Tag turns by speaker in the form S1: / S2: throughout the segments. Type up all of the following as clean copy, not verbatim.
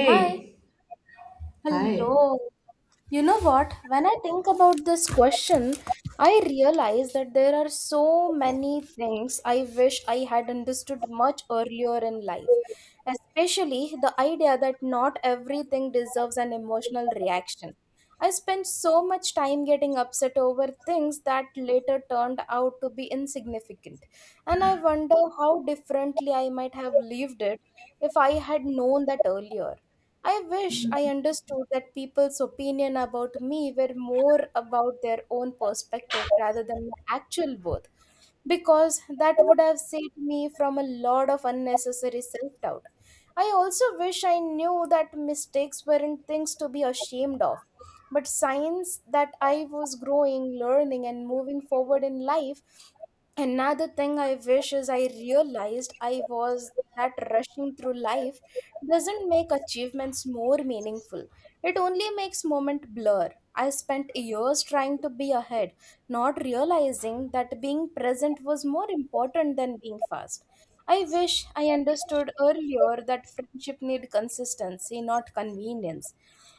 S1: Hi.
S2: hi.
S1: Hello. You know what? When I think about this question, I realize that there are so many things I wish I had understood much earlier in life, especially the idea that not everything deserves an emotional reaction. I spent so much time getting upset over things that later turned out to be insignificant, and I wonder how differently I might have lived it if I had known that earlier. I wish I understood that people's opinion about me were more about their own perspective rather than my actual worth, because that would have saved me from a lot of unnecessary self doubt. I also wish I knew that mistakes weren't things to be ashamed of, but signs that I was growing, learning, and moving forward in life. Another thing I wish is I realized I was that rushing through life doesn't make achievements more meaningful. It only makes moment blur. I spent years trying to be ahead, not realizing that being present was more important than being fast. I wish I understood earlier that friendship need consistency, not convenience,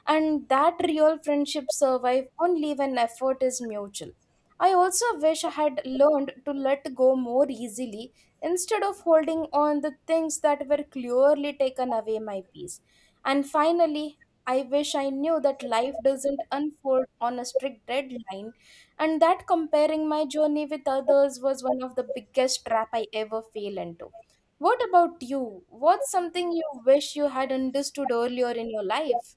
S1: and that real friendships survive only when effort is mutual. I also wish I had learned to let go more easily instead of holding on the things that were clearly taken away my peace. And finally, I wish I knew that life doesn't unfold on a strict deadline and that comparing my journey with others was one of the biggest trap I ever fell into. What about you? What's something you wish you had understood earlier in your life?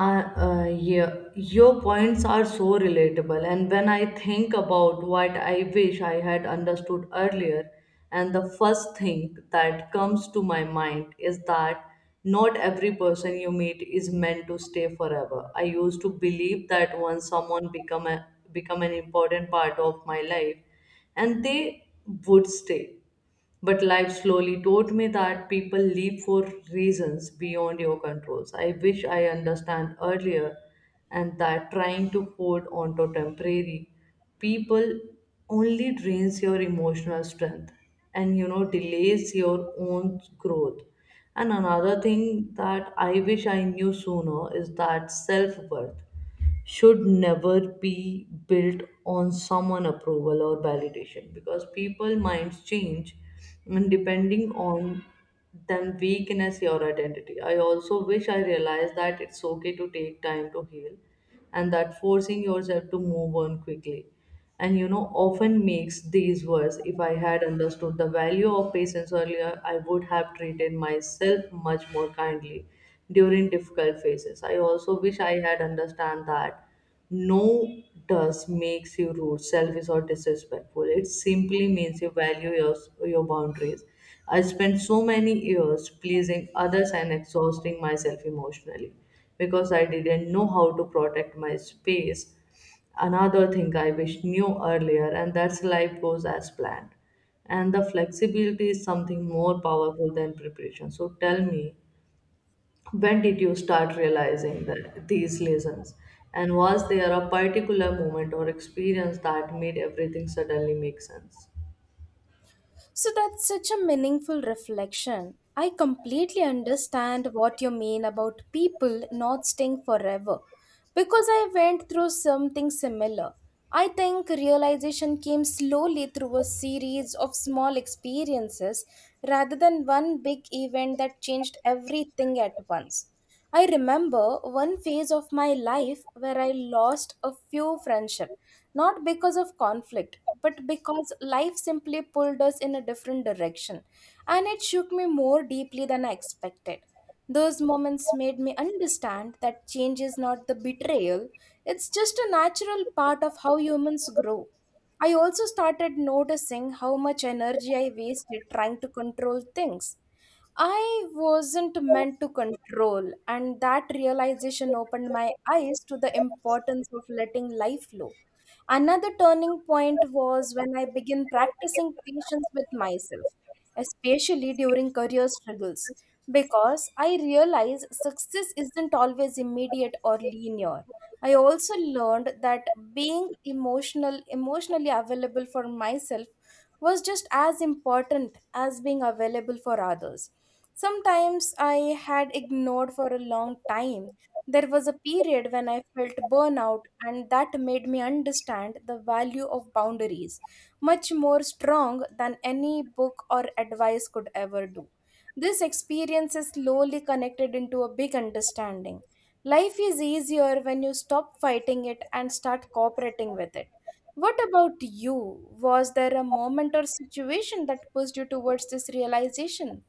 S2: Yeah, your points are so relatable. And when I think about what I wish I had understood earlier, and the first thing that comes to my mind is that not every person you meet is meant to stay forever. I used to believe that once become an important part of my life, and they would stay. But life slowly taught me that people leave for reasons beyond your controls. I wish I understand earlier and that trying to hold on to temporary people only drains your emotional strength and delays your own growth. And another thing that I wish I knew sooner is that self worth should never be built on someone approval or validation because people minds change and depending on them weakness your identity. I also wish I realized that it's okay to take time to heal and that forcing yourself to move on quickly and often makes these worse. If I had understood the value of patience earlier, I would have treated myself much more kindly during difficult phases. I also wish I had understand that no does makes you rude, selfish, or disrespectful. It simply means you value your boundaries. I spent so many years pleasing others and exhausting myself emotionally because I didn't know how to protect my space. Another thing I wish knew earlier, and that's life goes as planned. And the flexibility is something more powerful than preparation. So tell me, when did you start realizing that these lessons? And was there a particular moment or experience that made everything suddenly make sense?
S1: So that's such a meaningful reflection. I completely understand what you mean about people not staying forever because I went through something similar. I think realization came slowly through a series of small experiences rather than one big event that changed everything at once. I remember one phase of my life where I lost a few friendships not because of conflict but because life simply pulled us in a different direction, and it shook me more deeply than I expected. Those moments made me understand that change is not the betrayal. It's just a natural part of how humans grow. I also started noticing how much energy I wasted trying to control things I wasn't meant to control, and that realization opened my eyes to the importance of letting life flow. Another turning point was when I began practicing patience with myself, especially during career struggles, because I realized success isn't always immediate or linear. I also learned that being emotionally available for myself was just as important as being available for others. Sometimes I had ignored for a long time. There was a period when I felt burnout, and that made me understand the value of boundaries much more strong than any book or advice could ever do. This experience is slowly connected into a big understanding. Life is easier when you stop fighting it and start cooperating with it. What about you? Was there a moment or situation that pushed you towards this realization?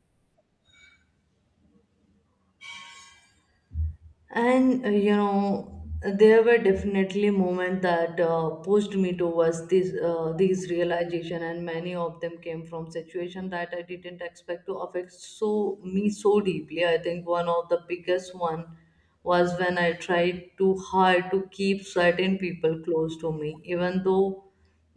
S2: And uh, you know, there were definitely moments that pushed me towards this these realization, and many of them came from situation that I didn't expect to affect so me so deeply. I think one of the biggest one was when I tried too hard to keep certain people close to me, even though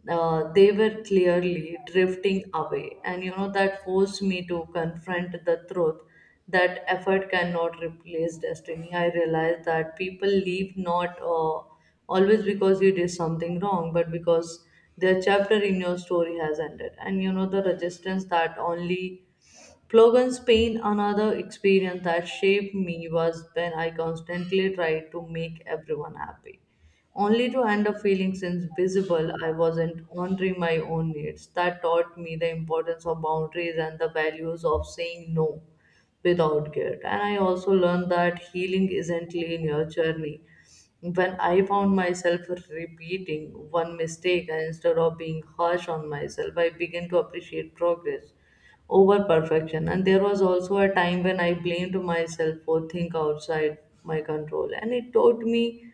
S2: they were clearly drifting away. That forced me to confront the truth that effort cannot replace destiny. I realized that people leave not always because you did something wrong, but because their chapter in your story has ended. And you know, the resistance that only Plogan's pain, another experience that shaped me, was when I constantly tried to make everyone happy, only to end up feeling invisible. I wasn't honoring my own needs. That taught me the importance of boundaries and the values of saying no without guilt. And I also learned that healing isn't linear journey when I found myself repeating one mistake instead of being harsh on myself, I began to appreciate progress over perfection. And there was also a time when I blamed myself for things outside my control, and it taught me,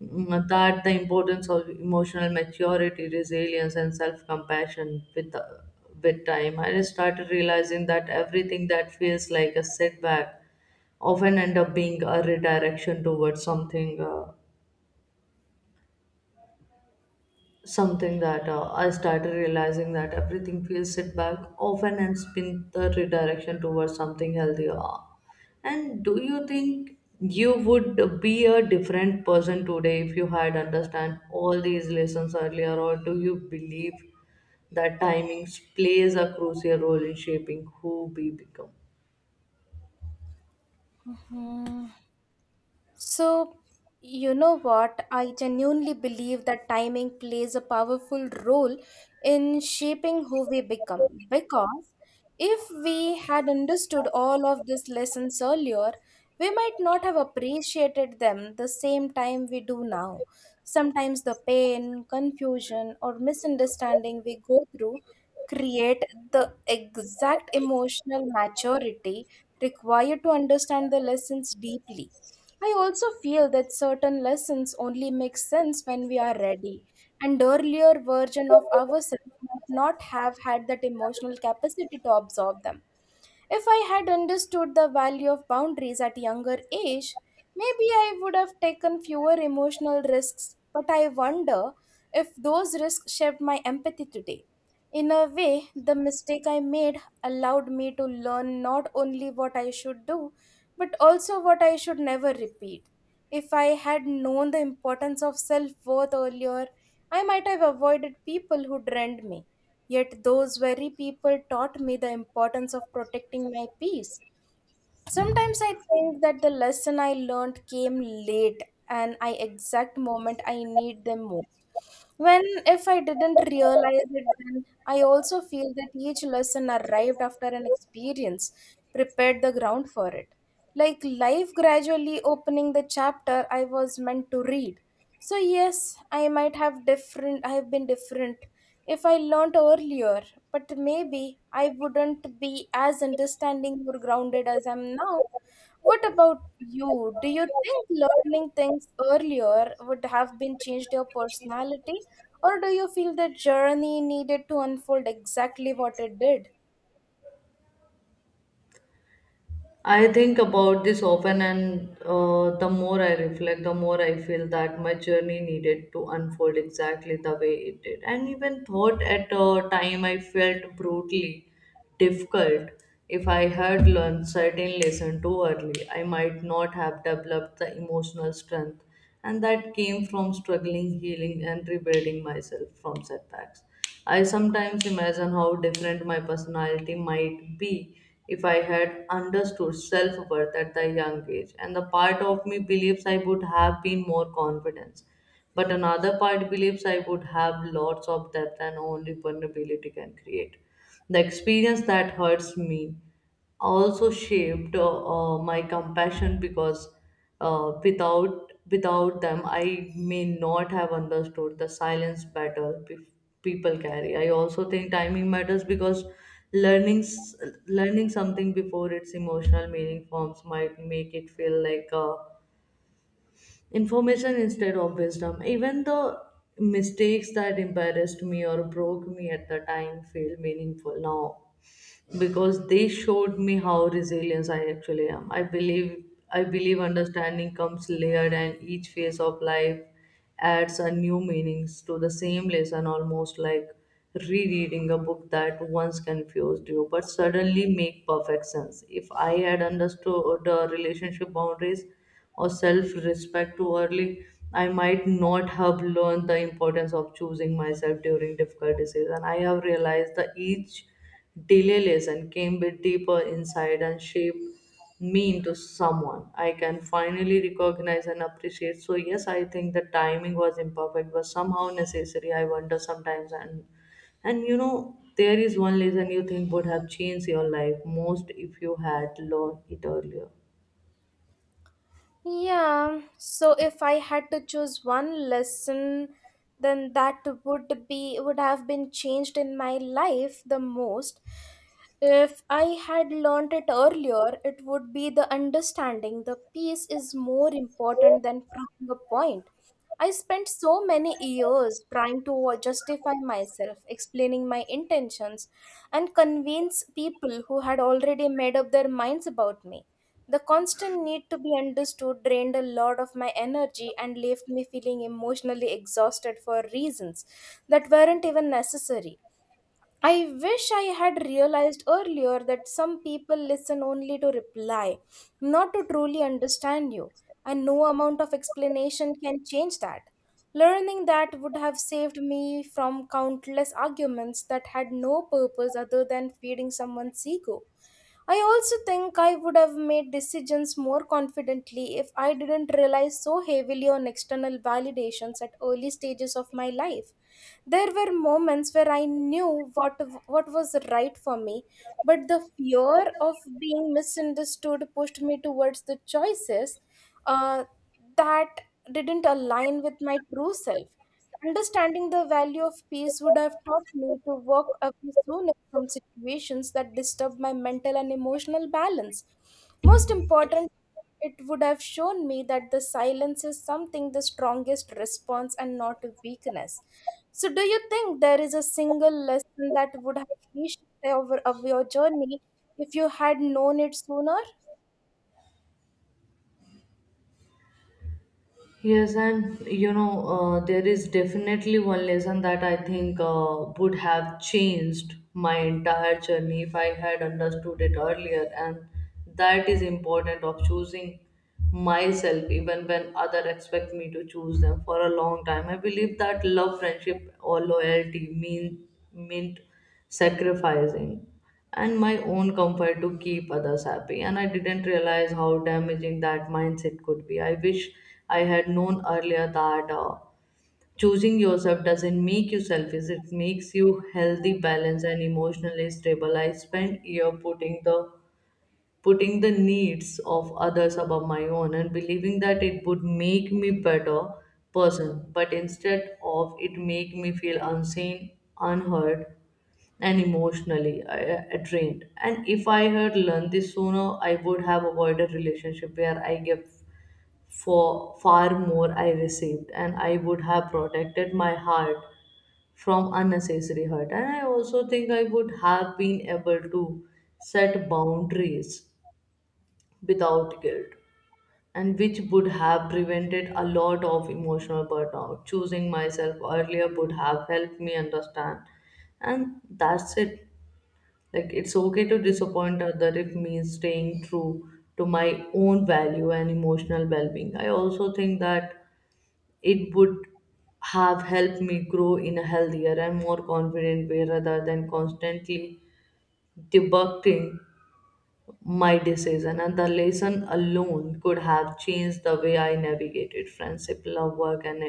S2: that the importance of emotional maturity, resilience, and self-compassion with time. I started realizing that everything that feels like a setback often end up being a redirection towards something. Something that I started realizing that everything feels set back often and spin the redirection towards something healthier. And do you think you would be a different person today if you had understand all these lessons earlier, or do you believe that timings plays a crucial role in shaping who we become?
S1: Hmm. So, you know what? I genuinely believe that timing plays a powerful role in shaping who we become. Because if we had understood all of these lessons earlier, we might not have appreciated them the same time we do now. Sometimes the pain, confusion, or misunderstanding we go through create the exact emotional maturity required to understand the lessons deeply. I also feel that certain lessons only make sense when we are ready, and earlier version of ourselves might not have had that emotional capacity to absorb them. If I had understood the value of boundaries at a younger age, maybe I would have taken fewer emotional risks, but I wonder if those risks shaped my empathy today. In a way, the mistake I made allowed me to learn not only what I should do, but also what I should never repeat. If I had known the importance of self worth earlier, I might have avoided people who drained me. Yet those very people taught me the importance of protecting my peace. Sometimes I think that the lesson I learned came late and I exact moment I need them most. When if I didn't realize it then I also feel that each lesson arrived after an experience prepared the ground for it, like life gradually opening the chapter I was meant to read. So, yes, I might have different, I have been different if I learnt earlier, but maybe I wouldn't be as understanding or grounded as I'm now. What about you? Do you think learning things earlier would have been changed your personality, or do you feel the journey needed to unfold exactly what it did?
S2: I think about this often, and the more I reflect, the more I feel that my journey needed to unfold exactly the way it did. And even thought at a time I felt brutally difficult. If I had learned certain lesson too early, I might not have developed the emotional strength and that came from struggling, healing and rebuilding myself from setbacks. I sometimes imagine how different my personality might be if I had understood self worth at a young age, and the part of me believes I would have been more confident, but another part believes I would have lots of depth and only vulnerability can create. The experience that hurts me also shaped my compassion because without them, I may not have understood the silence better people carry. I also think timing matters because learning s- learning something before its emotional meaning forms might make it feel like information instead of wisdom. Even the mistakes that embarrassed me or broke me at the time feel meaningful now because they showed me how resilient I actually am. I believe understanding comes layered and each phase of life adds a new meanings to the same lesson almost like rereading a book that once confused you but suddenly make perfect sense. If I had understood the relationship boundaries or self-respect too early, I might not have learned the importance of choosing myself during difficult decisions. And I have realized that each delay lesson came with deeper insight and shaped me into someone I can finally recognize and appreciate. So yes, I think the timing was imperfect, but somehow necessary. I wonder sometimes there is one lesson you think would have changed your life most if you had learned it earlier.
S1: Yeah, so if I had to choose one lesson, then that would be would have been changed in my life the most. If I had learned it earlier, it would be the understanding the peace is more important than proving a point. I spent so many years trying to justify myself, explaining my intentions, and convince people who had already made up their minds about me. The constant need to be understood drained a lot of my energy and left me feeling emotionally exhausted for reasons that weren't even necessary. I wish I had realized earlier that some people listen only to reply, not to truly understand you, and no amount of explanation can change that. Learning that would have saved me from countless arguments that had no purpose other than feeding someone's ego. I also think I would have made decisions more confidently if I didn't rely so heavily on external validations at early stages of my life. There were moments where I knew what was right for me, but the fear of being misunderstood pushed me towards the choices uh, that didn't align with my true self. Understanding the value of peace would have taught me to walk away sooner from situations that disturb my mental and emotional balance. Most important, it would have shown me that the silence is something the strongest response and not a weakness. So, do you think there is a single lesson that would have reshaped over of your journey if you had known it sooner?
S2: Yes, and you know, there is definitely one lesson that I think would have changed my entire journey if I had understood it earlier, and that is important of choosing myself even when other expect me to choose them for a long time. I believe that love, friendship, or loyalty mean meant sacrificing and my own comfort to keep others happy. And I didn't realize how damaging that mindset could be. I wish I had known earlier that choosing yourself doesn't make you selfish, it makes you healthy, balanced, and emotionally stable. I spent year putting the needs of others above my own and believing that it would make me better person but instead of it make me feel unseen unheard and emotionally I drained. And if I had learned this sooner, I would have avoided relationship where I gave for far more I received, and I would have protected my heart from unnecessary hurt. And I also think I would have been able to set boundaries without guilt and which would have prevented a lot of emotional burnout. Choosing myself earlier would have helped me understand and that's it, like it's okay to disappoint other if means staying true to my own value and emotional well-being. I also think that it would have helped me grow in a healthier and more confident way rather than constantly debugging my decision. And the lesson alone could have changed the way I navigated friendship, love, work, and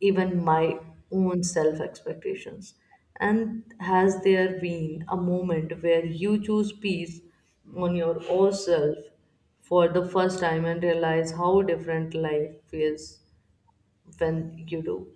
S2: even my own self expectations. And has there been a moment where you choose peace on your own self for the first time and realize how different life feels when you do?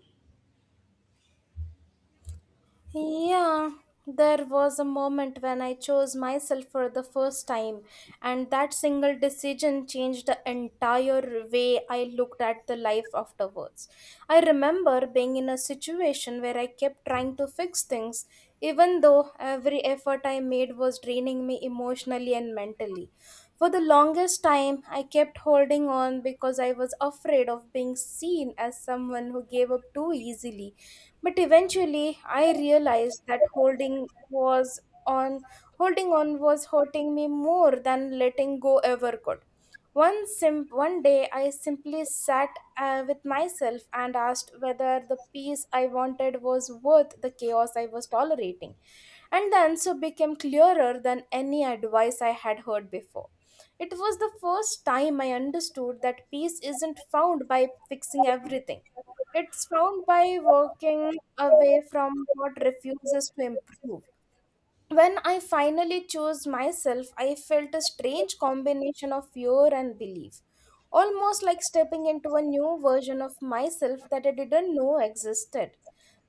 S1: Yeah, there was a moment when I chose myself for the first time, and that single decision changed the entire way I looked at the life afterwards. I remember being in a situation where I kept trying to fix things, even though every effort I made was draining me emotionally and mentally. For the longest time, I kept holding on because I was afraid of being seen as someone who gave up too easily, but eventually I realized that on holding on was hurting me more than letting go ever could. One day I simply sat with myself and asked whether the peace I wanted was worth the chaos I was tolerating. And the answer became clearer than any advice I had heard before. It was the first time I understood that peace isn't found by fixing everything. It's found by walking away from what refuses to improve. When I finally chose myself, I felt a strange combination of fear and belief, almost like stepping into a new version of myself that I didn't know existed.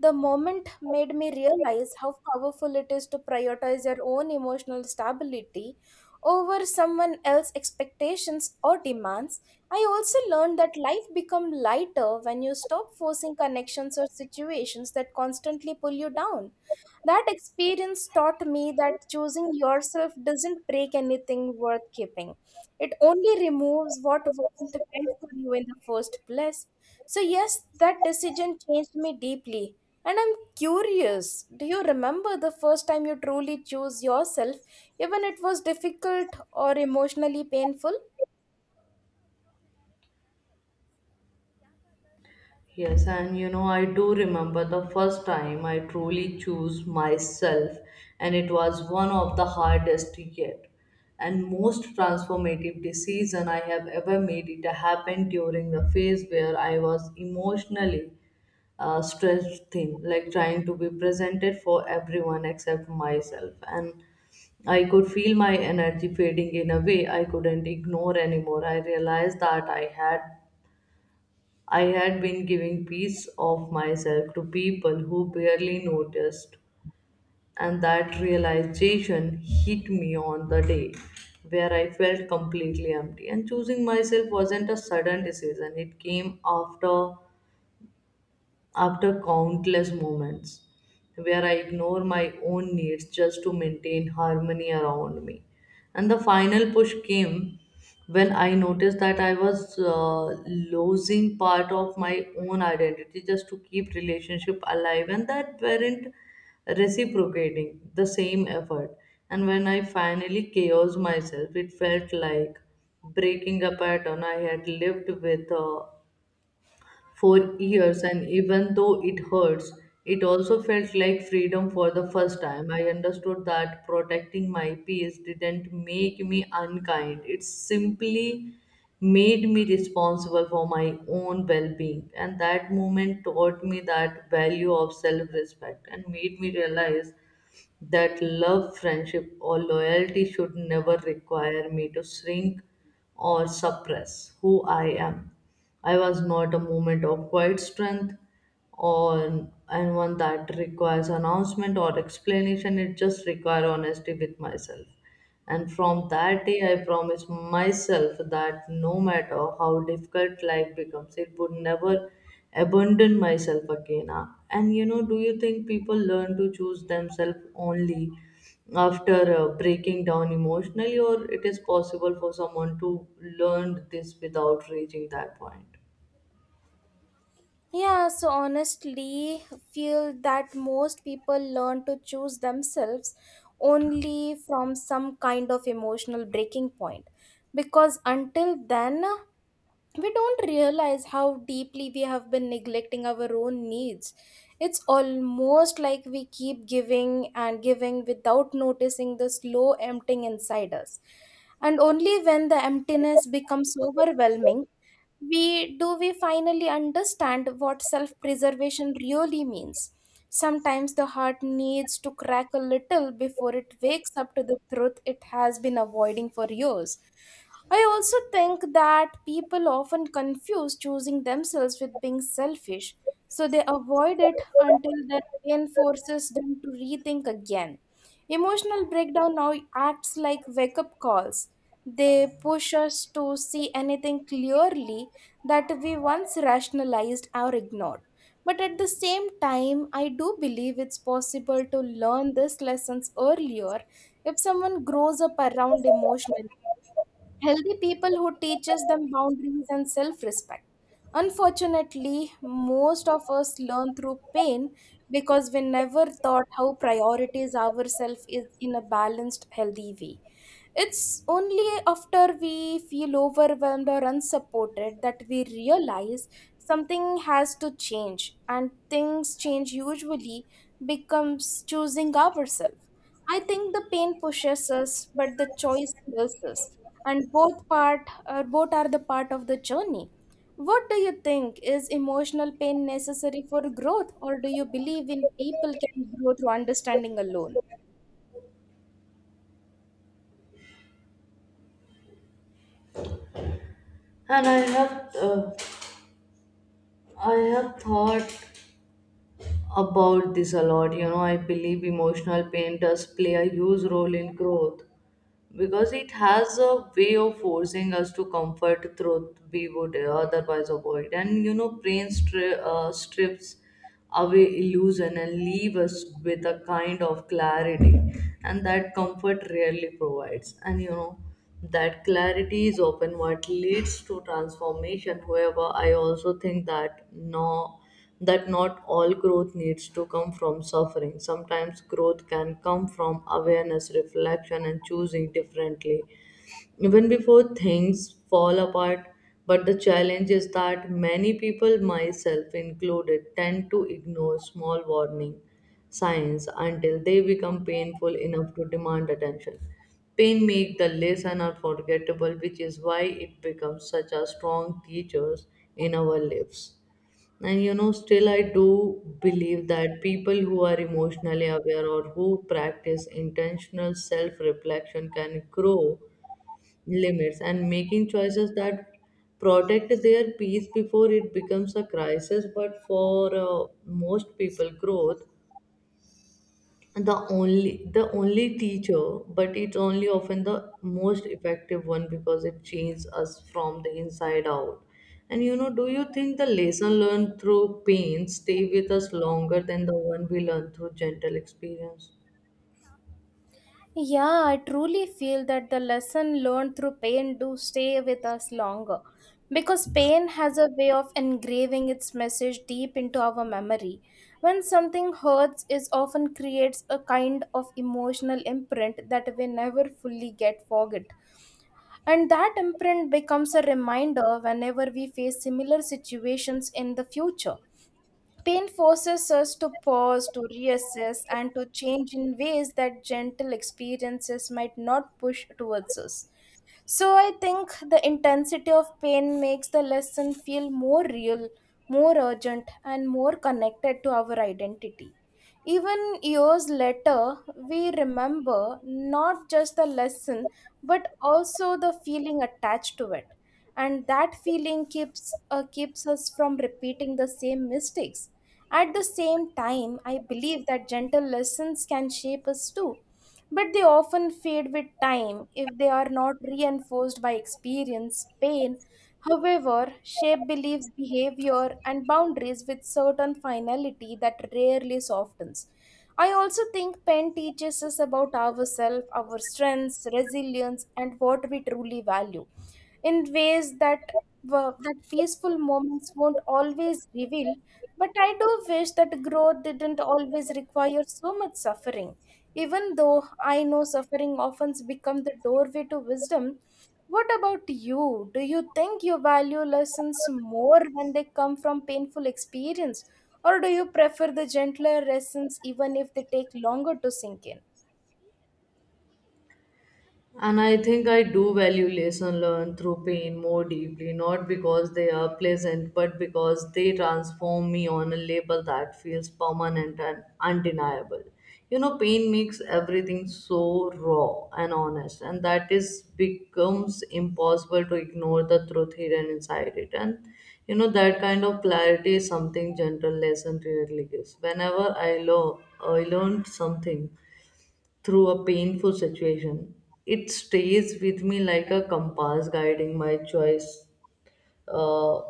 S1: The moment made me realize how powerful it is to prioritize your own emotional stability over someone else's expectations or demands. I also learned that life becomes lighter when you stop forcing connections or situations that constantly pull you down. That experience taught me that choosing yourself doesn't break anything worth keeping. It only removes what wasn't meant for you in the first place. So, yes, that decision changed me deeply. And I'm curious, do you remember the first time you truly chose yourself, even it was difficult or emotionally painful?
S2: Yes, and you know, I do remember the first time I truly chose myself, and it was one of the hardest yet and most transformative decision I have ever made. It happened during the phase where I was emotionally stressed thin, like trying to be presented for everyone except myself. And I could feel my energy fading in a way I couldn't ignore anymore. I realized that I had been giving piece of myself to people who barely noticed, and that realization hit me on the day where I felt completely empty. And choosing myself wasn't a sudden decision, it came after countless moments where I ignore my own needs just to maintain harmony around me. And the final push came when I noticed that I was losing part of my own identity just to keep relationship alive and that weren't reciprocating the same effort. And when I finally chaos myself, it felt like breaking a pattern I had lived with for years, and even though it hurts, it also felt like freedom for the first time. I understood that protecting my peace didn't make me unkind, it simply made me responsible for my own well being. And that moment taught me that value of self respect and made me realize that love, friendship, or loyalty should never require me to shrink or suppress who I am. I was not a moment of quiet strength or and one that requires announcement or explanation. It just requires honesty with myself. And from that day, I promised myself that no matter how difficult life becomes, it would never abandon myself again. Do you think people learn to choose themselves only after breaking down emotionally, or it is possible for someone to learn this without reaching that point?
S1: Yeah, so honestly, feel that most people learn to choose themselves only from some kind of emotional breaking point because until then we don't realize how deeply we have been neglecting our own needs. It's almost like we keep giving and giving without noticing the slow emptying inside us. And only when the emptiness becomes overwhelming, we do we finally understand what self preservation really means. Sometimes the heart needs to crack a little before it wakes up to the truth it has been avoiding for years. I also think that people often confuse choosing themselves with being selfish, so they avoid it until the pain forces them to rethink again. Emotional breakdown now acts like wake up calls. They push us to see anything clearly that we once rationalized or ignored. But at the same time, I do believe it's possible to learn these lessons earlier if someone grows up around emotional healthy people who teaches them boundaries and self-respect. Unfortunately, most of us learn through pain because we never thought how priorities ourselves is in a balanced healthy way. It's only after we feel overwhelmed or unsupported that we realize something has to change, and things change usually becomes choosing ourselves. I think the pain pushes us, but the choice heals us, and both are the part of the journey. What do you think, is emotional pain necessary for growth, or do you believe in people can grow through understanding alone?
S2: And I have thought about this a lot. You know, I believe emotional pain does play a huge role in growth because it has a way of forcing us to comfort truth we would otherwise avoid, and brain strips away illusion and leave us with a kind of clarity and that comfort rarely provides. And you know that clarity is often what leads to transformation. However, I also think that no, that not all growth needs to come from suffering. Sometimes growth can come from awareness, reflection, and choosing differently even before things fall apart. But the challenge is that many people, myself included, tend to ignore small warning signs until they become painful enough to demand attention. Pain makes the lesson unforgettable, which is why it becomes such a strong teacher in our lives. Still, I do believe that people who are emotionally aware or who practice intentional self reflection can grow limits and making choices that protect their peace before it becomes a crisis. But for most people growth the only teacher, but it's only often the most effective one because it changes us from the inside out. And you know do you think the lesson learned through pain stay with us longer than the one we learn through gentle experience?
S1: Yeah, I truly feel that the lesson learned through pain do stay with us longer because pain has a way of engraving its message deep into our memory. When something hurts is often creates a kind of emotional imprint that we never fully get forget. And that imprint becomes a reminder whenever we face similar situations in the future. Pain forces us to pause, to reassess, and to change in ways that gentle experiences might not push towards us. So I think the intensity of pain makes the lesson feel more real, more urgent, and more connected to our identity. Even years later, we remember not just the lesson but also the feeling attached to it. And that feeling keeps us from repeating the same mistakes. At the same time, I believe that gentle lessons can shape us too, but they often fade with time if they are not reinforced by experience, pain. However, shape beliefs, behavior, and boundaries with certain finality that rarely softens. I also think pen teaches us about ourselves, our strengths, resilience, and what we truly value in ways that that peaceful moments won't always reveal, but I do wish that growth didn't always require so much suffering. Even though I know suffering often becomes the doorway to wisdom, what about you? Do you think you value lessons more when they come from painful experience, or do you prefer the gentler lessons even if they take longer to sink in?
S2: And I think I do value lesson learned through pain more deeply, not because they are pleasant, but because they transform me on a label that feels permanent and undeniable. You know, pain makes everything so raw and honest, and that is becomes impossible to ignore the truth hidden inside it. That kind of clarity is something gentle lesson rarely gives. Whenever I learned something through a painful situation, it stays with me like a compass guiding my choice, uh,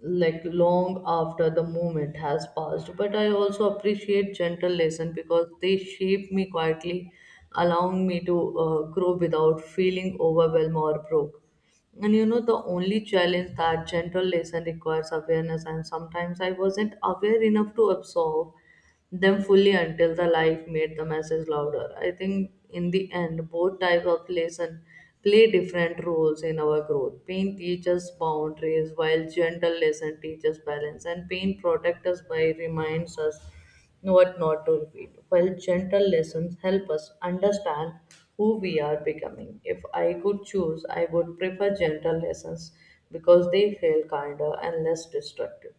S2: like long after the moment has passed. But I also appreciate gentle lessons because they shape me quietly, allowing me to grow without feeling overwhelmed or broke. The only challenge that gentle lesson requires awareness, and sometimes I wasn't aware enough to absorb them fully until the life made the message louder. I think in the end, both types of lesson play different roles in our growth. Pain teaches boundaries, while gentle lesson teaches balance, and pain protects us by reminds us what not to repeat, while gentle lessons help us understand who we are becoming. If I could choose, I would prefer gentle lessons because they feel kinder and less destructive.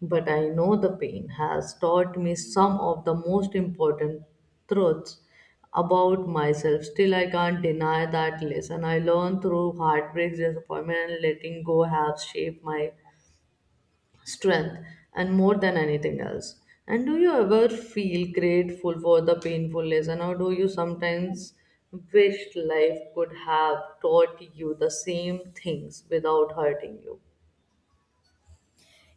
S2: But I know the pain has taught me some of the most important truths about myself. Still, I can't deny that lesson I learned through heartbreaks, disappointment, and letting go have shaped my strength and more than anything else. And do you ever feel grateful for the painful lesson, or do you sometimes wish life could have taught you the same things without hurting you?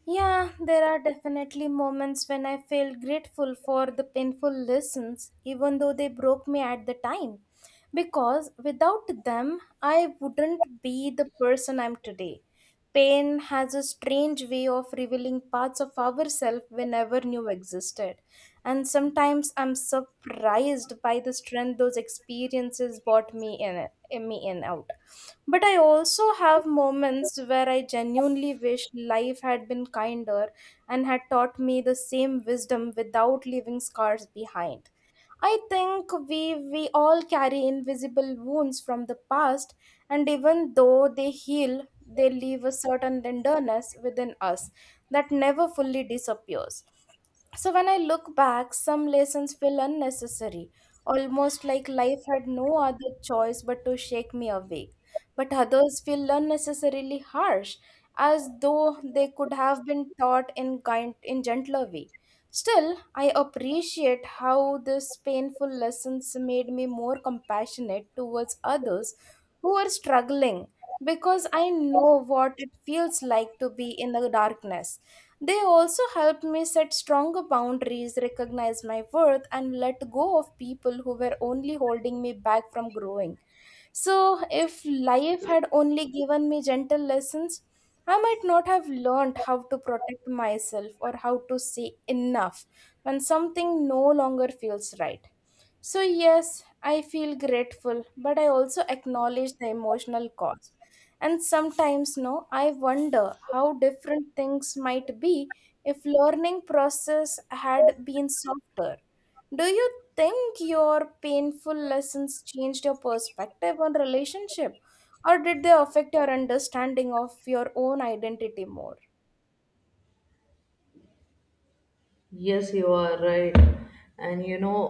S1: Yeah, there are definitely moments when I feel grateful for the painful lessons, even though they broke me at the time. Because without them, I wouldn't be the person I'm today. Pain has a strange way of revealing parts of ourselves we never knew existed. And sometimes I'm surprised by the strength those experiences brought in me in out. But I also have moments where I genuinely wish life had been kinder and had taught me the same wisdom without leaving scars behind. I think we all carry invisible wounds from the past, and even though they heal, they leave a certain tenderness within us that never fully disappears. So when I look back, some lessons feel unnecessary, almost like life had no other choice but to shake me awake. But others feel unnecessarily harsh, as though they could have been taught in gentler way. Still, I appreciate how this painful lessons made me more compassionate towards others who are struggling because I know what it feels like to be in the darkness. They also helped me set stronger boundaries, recognize my worth, and let go of people who were only holding me back from growing. So, if life had only given me gentle lessons, I might not have learned how to protect myself or how to say enough when something no longer feels right. So, yes, I feel grateful, but I also acknowledge the emotional cost. And sometimes, no, I wonder how different things might be if learning process had been softer. Do you think your painful lessons changed your perspective on relationship, or did they affect your understanding of your own identity more?
S2: Yes, you are right. And you know,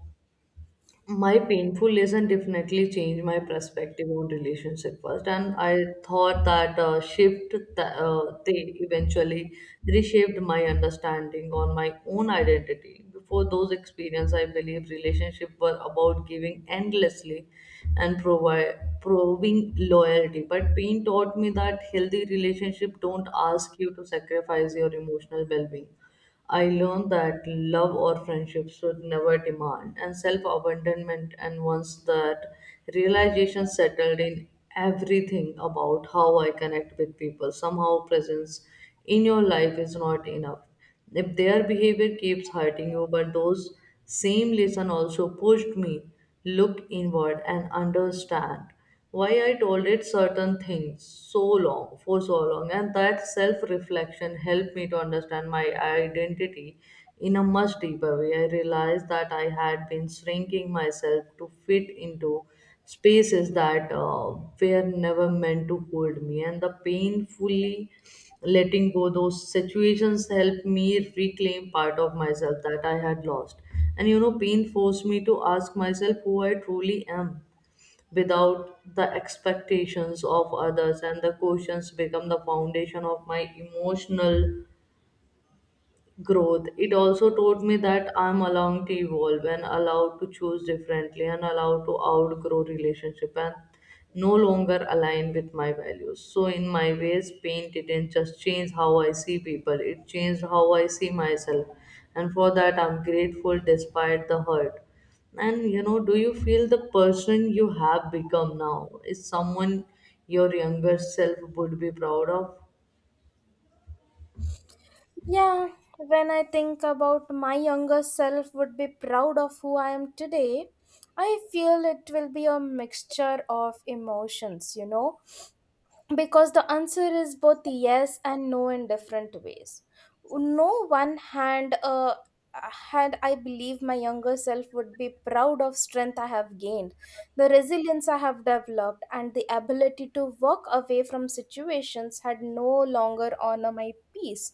S2: uh, my painful lesson definitely changed my perspective on relationship first. And I thought that shift, they eventually reshaped my understanding on my own identity. Before those experiences, I believe relationships were about giving endlessly and proving loyalty. But pain taught me that healthy relationship don't ask you to sacrifice your emotional well-being. I learned that love or friendship should never demand and self abandonment, and once that realization settled in everything about how I connect with people, somehow presence in your life is not enough if their behavior keeps hurting you. But those same lesson also pushed me look inward and understand why I tolerate certain things so long for so long, and that self reflection helped me to understand my identity in a much deeper way. I realized that I had been shrinking myself to fit into spaces that were never meant to hold me, and the painfully letting go those situations helped me reclaim part of myself that I had lost. And you know pain forced me to ask myself who I truly am without the expectations of others, and the questions become the foundation of my emotional growth. It also taught me that I'm allowed to evolve and allowed to choose differently and allowed to outgrow relationship and no longer align with my values. So in my ways, paint didn't just change how I see people, it changed how I see myself. And for that I'm grateful despite the hurt. Do you feel the person you have become now is someone your younger self would be proud of?
S1: Yeah, when I think about my younger self would be proud of who I am today, I feel it will be a mixture of emotions, you know, because the answer is both yes and no in different ways. No one hand had I believe my younger self would be proud of strength I have gained, the resilience I have developed, and the ability to walk away from situations had no longer honor my peace.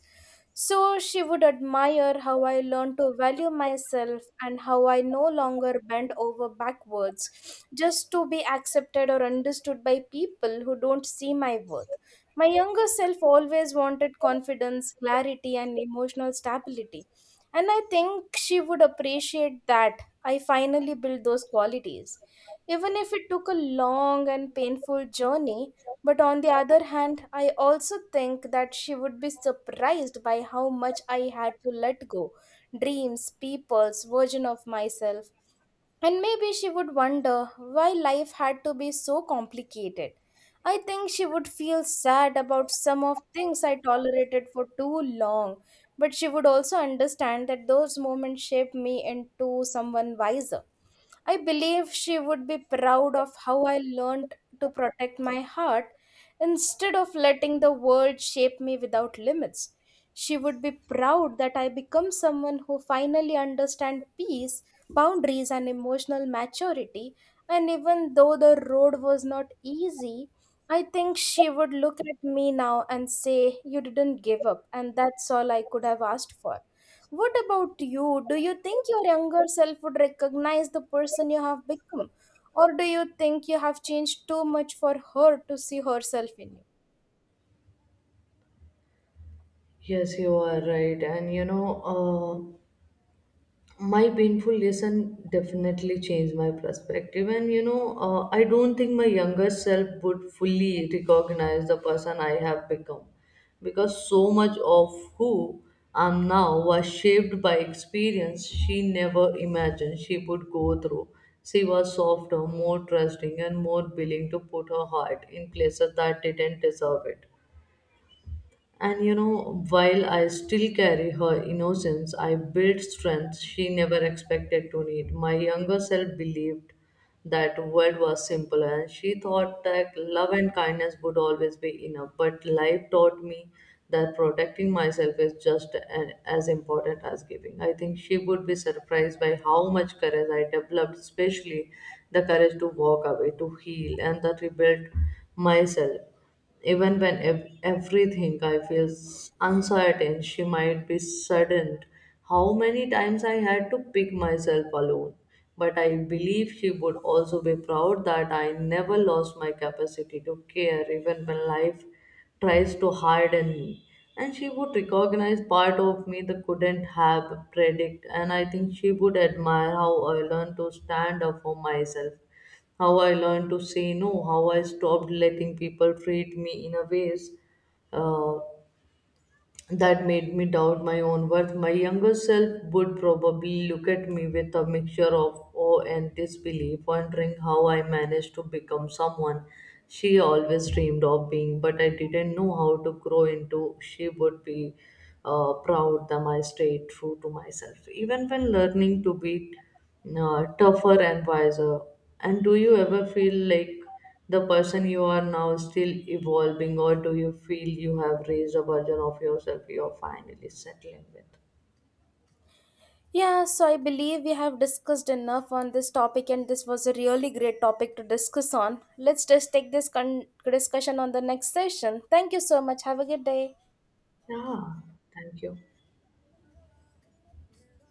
S1: So she would admire how I learned to value myself and how I no longer bent over backwards just to be accepted or understood by people who don't see my worth. My younger self always wanted confidence, clarity, and emotional stability. And I think she would appreciate that I finally built those qualities, even if it took a long and painful journey. But on the other hand, I also think that she would be surprised by how much I had to let go, dreams, people's version of myself. And maybe she would wonder why life had to be so complicated. I think she would feel sad about some of things I tolerated for too long, but she would also understand that those moments shaped me into someone wiser. I believe she would be proud of how I learned to protect my heart instead of letting the world shape me without limits. She would be proud that I become someone who finally understands peace, boundaries, and emotional maturity. And even though the road was not easy, I think she would look at me now and say, "You didn't give up, and that's all I could have asked for." What about you? Do you think your younger self would recognize the person you have become? Or do you think you have changed too much for her to see herself in you?
S2: Yes, you are right. My painful lesson definitely changed my perspective. And you know I don't think my younger self would fully recognize the person I have become, because so much of who I'm now was shaped by experience she never imagined she would go through. She was softer, more trusting, and more willing to put her heart in places that didn't deserve it. While I still carry her innocence, I built strength she never expected to need. My younger self believed that world was simple, and she thought that love and kindness would always be enough. But life taught me that protecting myself is just an, as important as giving. I think she would be surprised by how much courage I developed, especially the courage to walk away, to heal, and that rebuild myself. Even when everything I feel uncertain, she might be saddened how many times I had to pick myself alone. But I believe she would also be proud that I never lost my capacity to care, even when life tries to harden me. And she would recognize part of me that couldn't have predict. And I think she would admire how I learned to stand up for myself, how I learned to say no, how I stopped letting people treat me in a ways uh, that made me doubt my own worth. My younger self would probably look at me with a mixture of awe and disbelief, wondering how I managed to become someone she always dreamed of being, but I didn't know how to grow into. She would be proud that I stayed true to myself, even when learning to be tougher and wiser. And do you ever feel like the person you are now still evolving, or do you feel you have raised a version of yourself you're finally settling with?
S1: Yeah, so I believe we have discussed enough on this topic, and this was a really great topic to discuss on. Let's just take discussion on the next session. Thank you so much. Have a good day.
S2: Yeah, thank you.